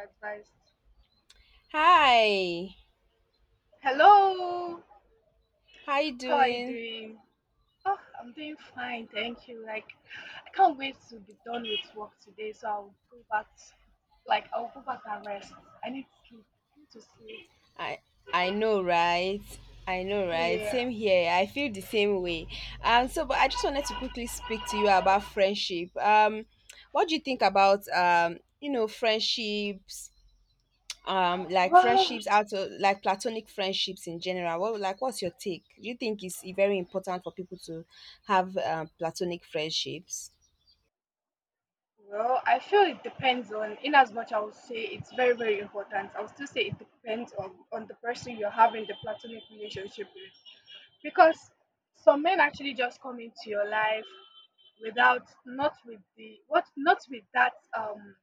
Advice. Hi, Hello, how you how are you doing? doing? Oh, I'm doing fine, thank you. Like, I can't wait to be done with work today, so I'll go back. To, like, I'll go back and rest. I need sleep. I need to sleep. I I know, right? I know, right? Yeah. Same here. I feel the same way. So but I just wanted to quickly speak to you about friendship. What do you think about friendships, like Well, friendships out of like platonic friendships in general? What's your take? Do you think it's very important for people to have platonic friendships? well, I feel it depends on. In as much, I would say it's very, very important. I would still say it depends on the person you're having the platonic relationship with, because some men actually just come into your life without not with the what not with that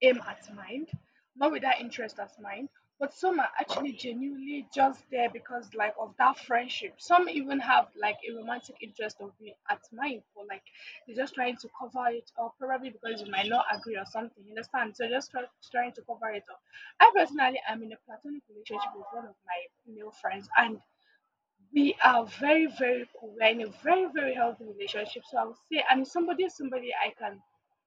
aim at mind, not with that interest at mind, but some are actually genuinely just there because like of that friendship. Some even have like a romantic interest of being at mind for like they're just trying to cover it up probably because you might not agree or something, you understand, so trying to cover it up. I personally am in a platonic relationship with one of my male friends, and we are very, very cool. We're in a very, very healthy relationship. So I would say, and somebody I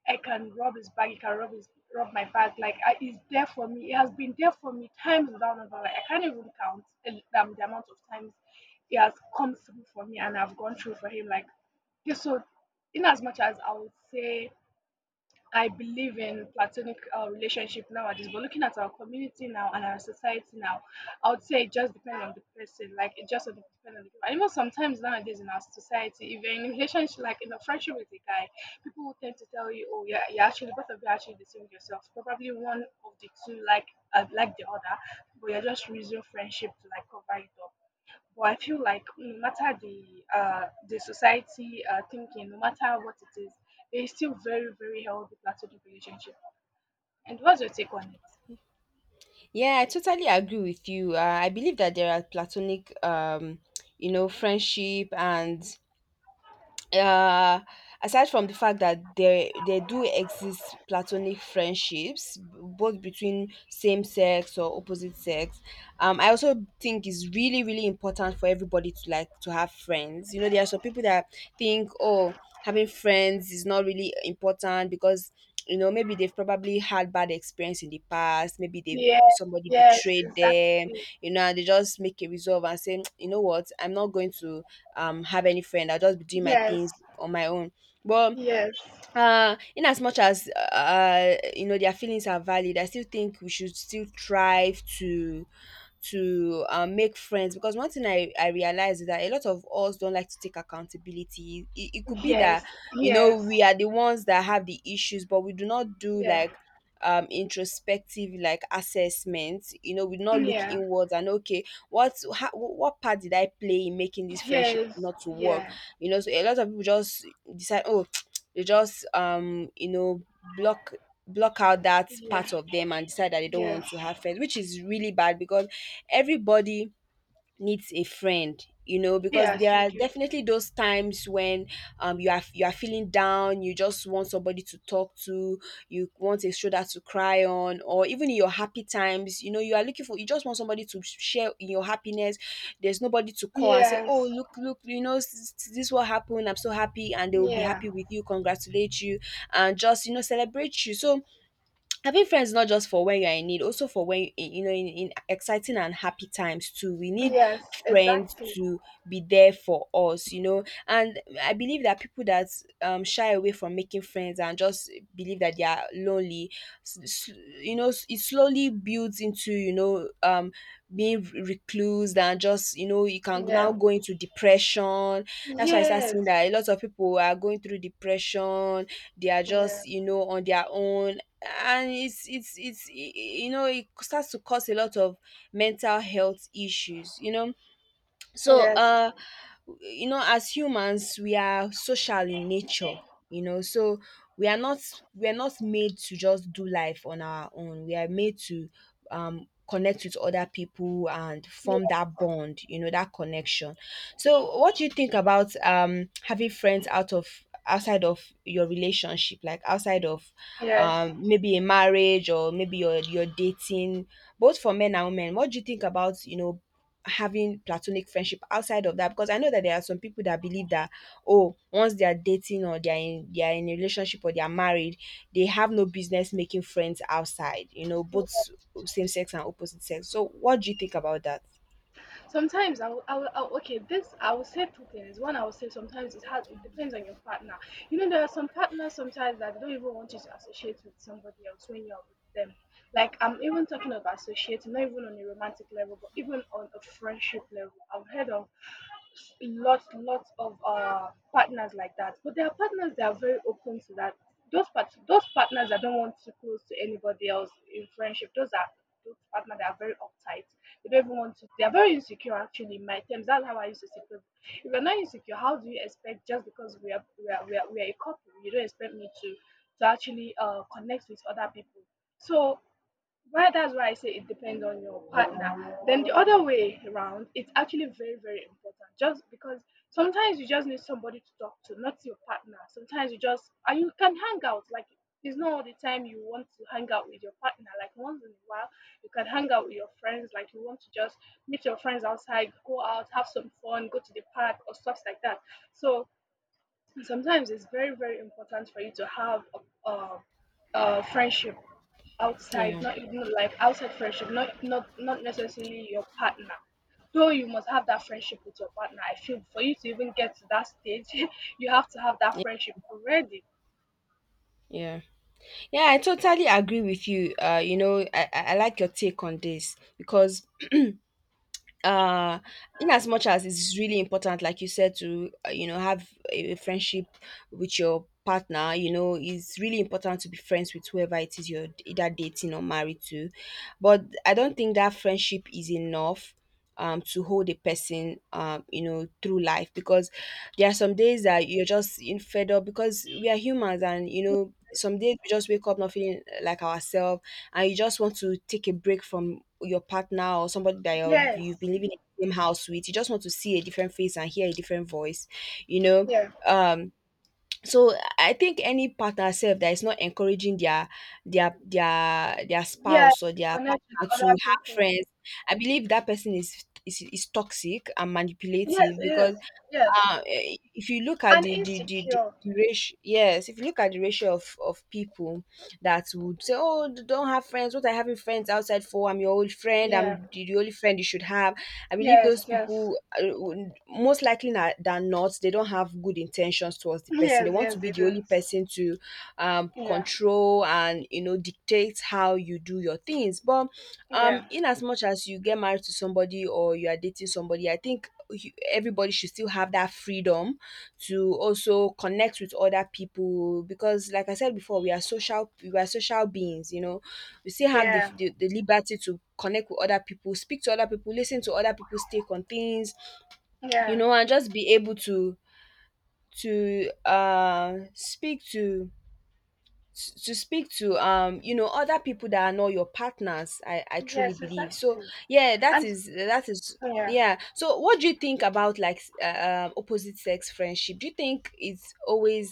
I can rub his back. He can rub my back. Like he's there for me. He has been there for me times down and down. Like, I can't even count the amount of times he has come through for me, and I've gone through for him. Like this. So, in as much as I would say I believe in platonic relationship nowadays, but looking at our community now and our society now, I would say it just depends on the person. Like it just depends on the people. And even sometimes nowadays in our society, if you're in a relationship, like in a friendship with a guy, people will tend to tell you, "Oh, yeah, you're actually both of you are actually deceiving yourself. Probably one of the two like the other, but you're just using friendship to like cover it up." But I feel like no matter the society thinking, no matter what it is, it's still very, very healthy platonic relationship. And what's your take on it? Yeah, I totally agree with you. I believe that there are platonic, friendship, and uh aside from the fact that there do exist platonic friendships, both between same sex or opposite sex. I also think it's really, really important for everybody to, like, to have friends. There are some people that think, oh, having friends is not really important because, maybe they've probably had bad experience in the past. Maybe they've Yes, somebody yes, betrayed them, exactly. you know, and they just make a resolve and say, you know what, I'm not going to have any friend. I'll just be doing my Yes, things on my own. But yes, in as much as, you know, their feelings are valid, I still think we should still strive to make friends, because one thing I realize is that a lot of us don't like to take accountability. It could be that, yes, you know, yes, we are the ones that have the issues, but we do not do, yeah, like, introspective, like, assessment. You know, we do not look yeah, inwards and, okay, what part did I play in making this friendship yes, not to work? yeah, You know, so a lot of people just decide, oh, they just, you know, block block out that yeah, part of them and decide that they don't want yes, to have friends, which is really bad, because everybody needs a friend, you know, because yes, there you are do. definitely those times when, you are feeling down, you just want somebody to talk to. You want a shoulder to cry on, or even in your happy times, you know, you are looking for you just want somebody to share in your happiness. There's nobody to call and say, oh, Yes, look, look, you know, this what happened, I'm so happy, and they will be yeah, happy with you, congratulate you, and just, you know, celebrate you. So having friends, not just for when you're in need, also for when you know in exciting and happy times too, we need yes, friends exactly. to be there for us. You know, and I believe that people that shy away from making friends and just believe that they are lonely, s- s- you know, it slowly builds into, you know, being recluse, and just, you know, you can now Yeah, go into depression. That's why I start seeing yes, that a lot of people are going through depression. They are yeah, just, you know, on their own. And you know, it starts to cause a lot of mental health issues, you know. So yes, you know, as humans, we are social in nature, you know, so we are not we are not made to just do life on our own. We are made to connect with other people and form yeah, that bond, you know, that connection. So what do you think about having friends out of— outside of your relationship, like outside of, yes. Maybe a marriage, or maybe your dating, both for men and women? What do you think about, you know, having platonic friendship outside of that, because I know that there are some people that believe that, oh, once they are dating, or they are in a relationship, or they are married, they have no business making friends outside, you know, both same sex and opposite sex. So what do you think about that? Sometimes I will, I will, I will- okay this I will say two things. One, I will say sometimes it depends on your partner. You know, there are some partners sometimes that they don't even want you to associate with somebody else when you're with them, like I'm even talking about associating not even on a romantic level but even on a friendship level. I've heard of lots of partners like that. But there are partners that are very open to that. Those partners that don't want to close to anybody else in friendship, those are those partners that are very uptight. They don't even want to. They are very insecure. Actually, in my terms, that's how I used to see people. If you're not insecure, how do you expect just because we are a couple, you don't expect me to actually connect with other people. So well, that's why I say it depends on your partner. Then the other way around, it's actually very, very important. Just because sometimes you just need somebody to talk to, not your partner. Sometimes you just and you can hang out. Like it's not all the time you want to hang out with your partner. Like once in a while, you can hang out with your friends. Like you want to just meet your friends outside, go out, have some fun, go to the park or stuff like that. So sometimes it's very very important for you to have a, a, a friendship outside, Yeah, not even like outside friendship, not necessarily your partner, though you must have that friendship with your partner, I feel, for you to even get to that stage. You have to have that yeah, friendship already. yeah, yeah, I totally agree with you. You know, I like your take on this because, uh in as much as it's really important, like you said, to, you know, have a friendship with your partner. You know, it's really important to be friends with whoever it is you're either dating or married to. But I don't think that friendship is enough to hold a person, you know, through life, because there are some days that you're just in— fed up, because we are humans, and, you know, some days we just wake up not feeling like ourselves, and you just want to take a break from your partner, or somebody that Yes, you've been living in the same house with. You just want to see a different face and hear a different voice, you know. yeah, Um, so I think any partner self that is not encouraging their yeah, spouse or their connect with partner other to have people. friends, I believe that person is toxic and Yes, manipulative, yes, because, yes, if you look at and the the, the, the insecure. the ratio, yes, if you look at the ratio of people that would say, oh, don't have friends, what are having friends outside for? I'm your old friend, Yeah, I'm the only friend you should have. I believe yes, those yes, people, most likely, than not, they don't have good intentions towards the person. They yes, want yes, to they be the only don't. person to, Yeah, control, and, you know, dictate how you do your things. But, yeah, in as much as you get married to somebody or you are dating somebody, I think everybody should still have that freedom to also connect with other people, because like I said before, we are social beings, you know. We still have the, yeah, the, the liberty to connect with other people, speak to other people, listen to other people's take on things, you yeah. know, and just be able to speak to speak to, you know, other people that are not your partners. I truly Yes, believe so. exactly. Yeah, that And is, that is, yeah, yeah. So what do you think about, like, opposite sex friendship? Do you think it's always—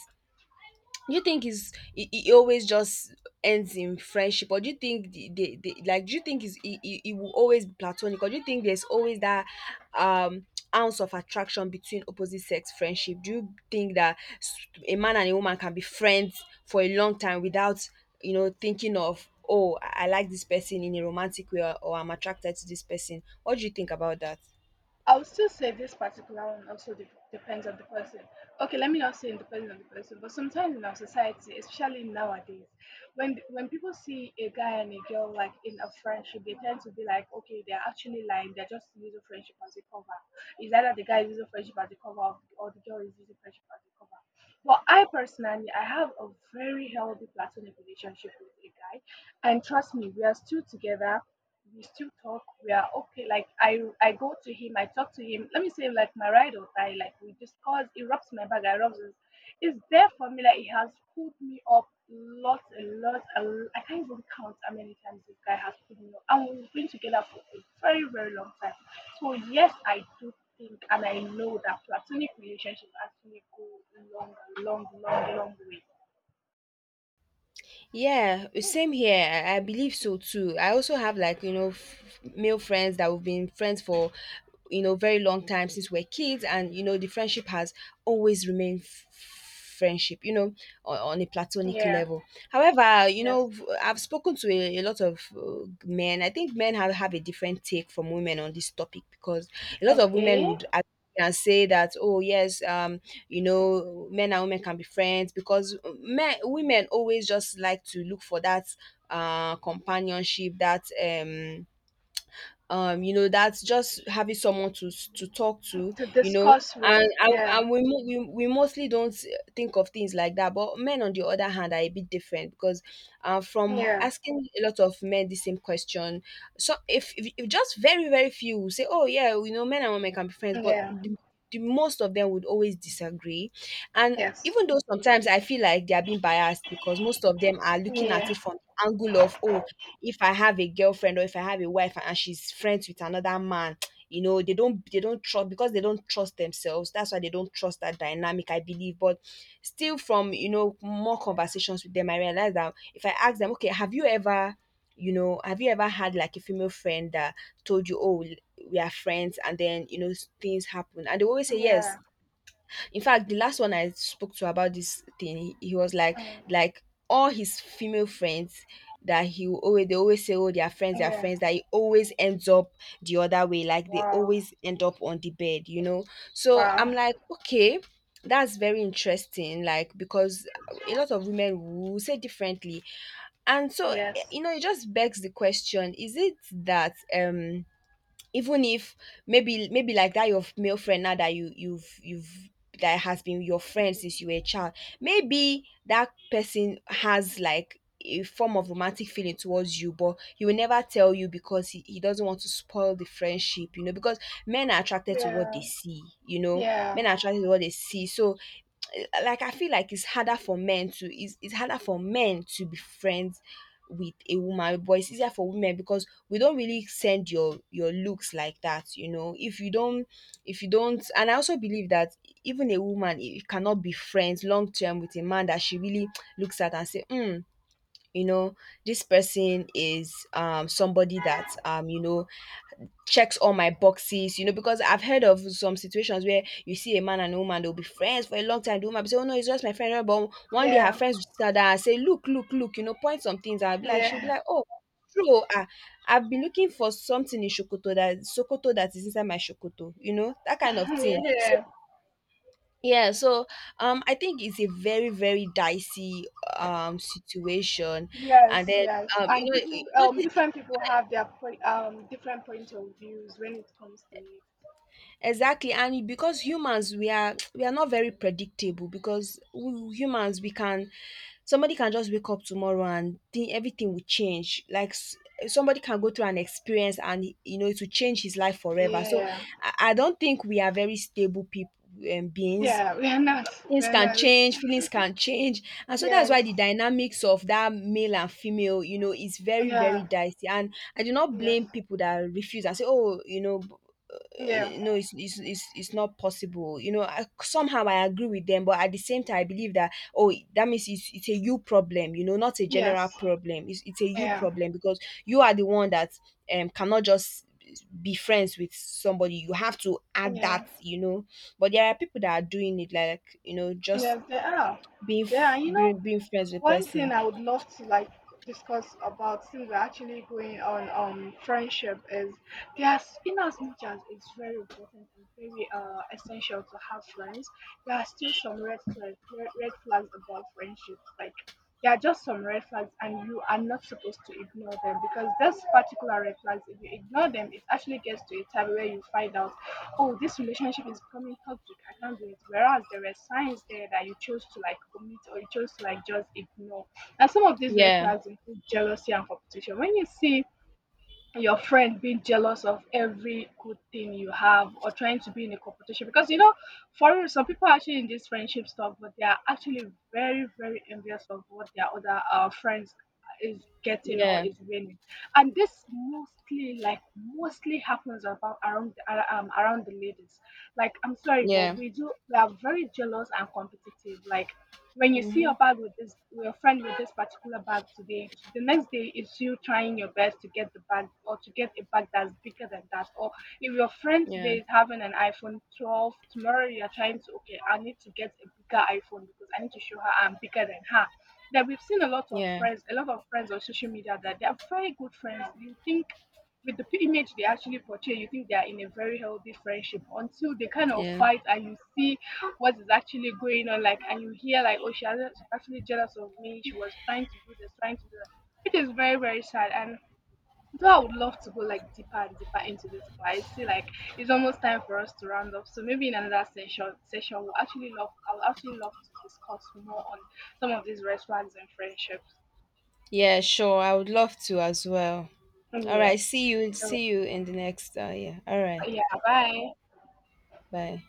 do you think it's it always just ends in friendship, or do you think the like do you think it will always be platonic, or do you think there's always that um ounce of attraction between opposite sex friendship? Do you think that, a man and a woman can be friends for a long time without, you know, thinking of, oh, I like this person in a romantic way, or I'm attracted to this person? What do you think about that? I would still say this particular one also depends on the person. Okay, let me not say it depends on the person, but sometimes in our society, especially nowadays, when people see a guy and a girl like in a friendship, they tend to be like, okay, they're actually lying. They're just using friendship as a cover. Is either the guy is using friendship as a cover, or the girl is using friendship as a cover. But I personally, I have a very healthy platonic relationship with a guy, and trust me, we are still together, we still talk. We are okay. Like I go to him. I talk to him. Let me say, like my ride or die. Like we discuss. He rubs my back. I rubs his. It's there for me. Like he has pulled me up a lot, and I can't even count how many times this guy has pulled me up. And we've been together for a very, very long time. So yes, I do think, and I know that platonic relationships actually go long, long, long, long way. Yeah, same here. I believe so too. I also have, like, you know, male friends that we've been friends for, you know, very long time since we're kids. And, you know, the friendship has always remained friendship, you know, on a platonic Yeah. level. However, you Yes. know, I've spoken to a lot of, men. I think men have a different take from women on this topic, because a lot of women Okay. would can say that, oh, yes, you know, men and women can be friends, because men women always just like to look for that companionship, that, you know, that's just having someone to talk to, To you know. discuss with. and and, Yeah. and we, mo- we mostly don't think of things like that. But men on the other hand are a bit different, because, from Yeah. asking a lot of men the same question, so if just very, very few will say, oh, yeah, you know, men and women can be friends, but Yeah. The most of them would always disagree, and Yes. even though sometimes I feel like they are being biased, because most of them are looking at Yeah. it from the angle of, oh, if I have a girlfriend, or if I have a wife and she's friends with another man, you know, they don't trust, because they don't trust themselves. That's why they don't trust that dynamic, I believe. But still, from, you know, more conversations with them, I realized that if I ask them, okay, have you ever you know, have you ever had, like, a female friend that told you, oh, we are friends, and then, you know, things happen, and they always say Yeah. yes. In fact, the last one I spoke to about this thing, he was like, Um, like all his female friends, that he will always they always say, oh, they are yeah. friends, that he always ends up the other way. Like they Wow. always end up on the bed, you know. So Wow. I'm like, okay. That's very interesting, like, because a lot of women will say differently, and so, Yes. you know, it just begs the question: Is it that, even if, maybe, like, that your male friend now, that you've, that has been your friend since you were a child, maybe that person has, like, a form of romantic feeling towards you, but he will never tell you because he doesn't want to spoil the friendship, you know, because men are attracted to what they Yeah. see, you know, Yeah. men are attracted to what they see. So, like, I feel like it's harder for men to be friends with a woman, but it's easier for women because we don't really send your looks like that, you know. If you don't— and I also believe that even a woman, it cannot be friends long term with a man that she really looks at and say, hmm, you know, this person is, somebody that, you know, checks all my boxes, you know. Because I've heard of some situations where you see a man and a woman, they'll be friends for a long time, the woman will say, oh, no, it's just my friend, but one day her Yeah. friends will sit down and say, look, look, look, you know, point some things, I'll be like she'll be Yeah. like, oh, true. Ah, I've been looking for something in shokoto, that sokoto that is inside my shokoto. You know, that kind of thing. So, Yeah. yeah, so, I think it's a very, very dicey, situation, and Yes. then, Yes. And you know, people, different people have their different point of views when it comes to it. exactly, and because humans we are, we are not very predictable, because we, humans we can somebody can just wake up tomorrow and think everything will change, somebody can go through an experience and, you know, it will change his life forever. So Yeah. I don't think we are very stable people beings. Yeah. We are not. We Things are can not. change, feelings can change. And so that's Yes. why the dynamics of that male and female, you know, is very, very Yeah. dicey. And I do not Yes. blame people that refuse and say, oh, you know, Yeah. No, it's not possible. You know, somehow I agree with them, but at the same time, I believe that, oh, that means it's a you problem, you know, not a Yes. general problem. It's a you Yeah. problem because you are the one that, cannot just be friends with somebody. You have to add that, Yeah. you know. But there are people that are doing it, like, you know, just Yes. They are. being They are. f- You know. being, being friends with One person. thing I would love to like discuss about, since we're actually going on friendship, is there's in as much as it's very important and very essential to have friends, there are still some red flags about friendships. Like there are just some red flags and you are not supposed to ignore them because those particular red flags, if you ignore them, it actually gets to a time where you find out, oh, this relationship is becoming toxic. I can't do it. Whereas there were signs there that you chose to like omit or you chose to like just ignore. And some of these red Yeah, flags include jealousy and competition. When you see your friend being jealous of every good thing you have or trying to be in a competition, because you know for real some people are actually in this friendship stuff but they are actually very very envious of what their other friends is getting or yeah, is winning. And this mostly like mostly happens about around around the ladies. Like I'm sorry but yeah, we do, we are very jealous and competitive. Like when you see mm-hmm. your bag with this your friend with this particular bag today, the next day it's you trying your best to get the bag or to get a bag that's bigger than that. Or if your friend today Yeah, is having an iPhone 12, tomorrow you're trying to, okay, I need to get a bigger iPhone because I need to show her I'm bigger than her. That we've seen a lot of yeah, friends, a lot of friends on social media that they're very good friends you think, with the image they actually portray, you think they are in a very healthy friendship until they kind of yeah, fight and you see what is actually going on, like, and you hear like, oh, she hasn't, she's actually jealous of me. She was trying to do this, trying to do that, which is very, very sad. And though I would love to go like deeper and deeper into this, but I see like it's almost time for us to round up. So maybe in another session we'll actually I'll actually love to discuss more on some of these red flags in friendships. yeah. Sure, I would love to as well. All Yeah. right, So see you in the next. Yeah, all right, yeah, bye. bye.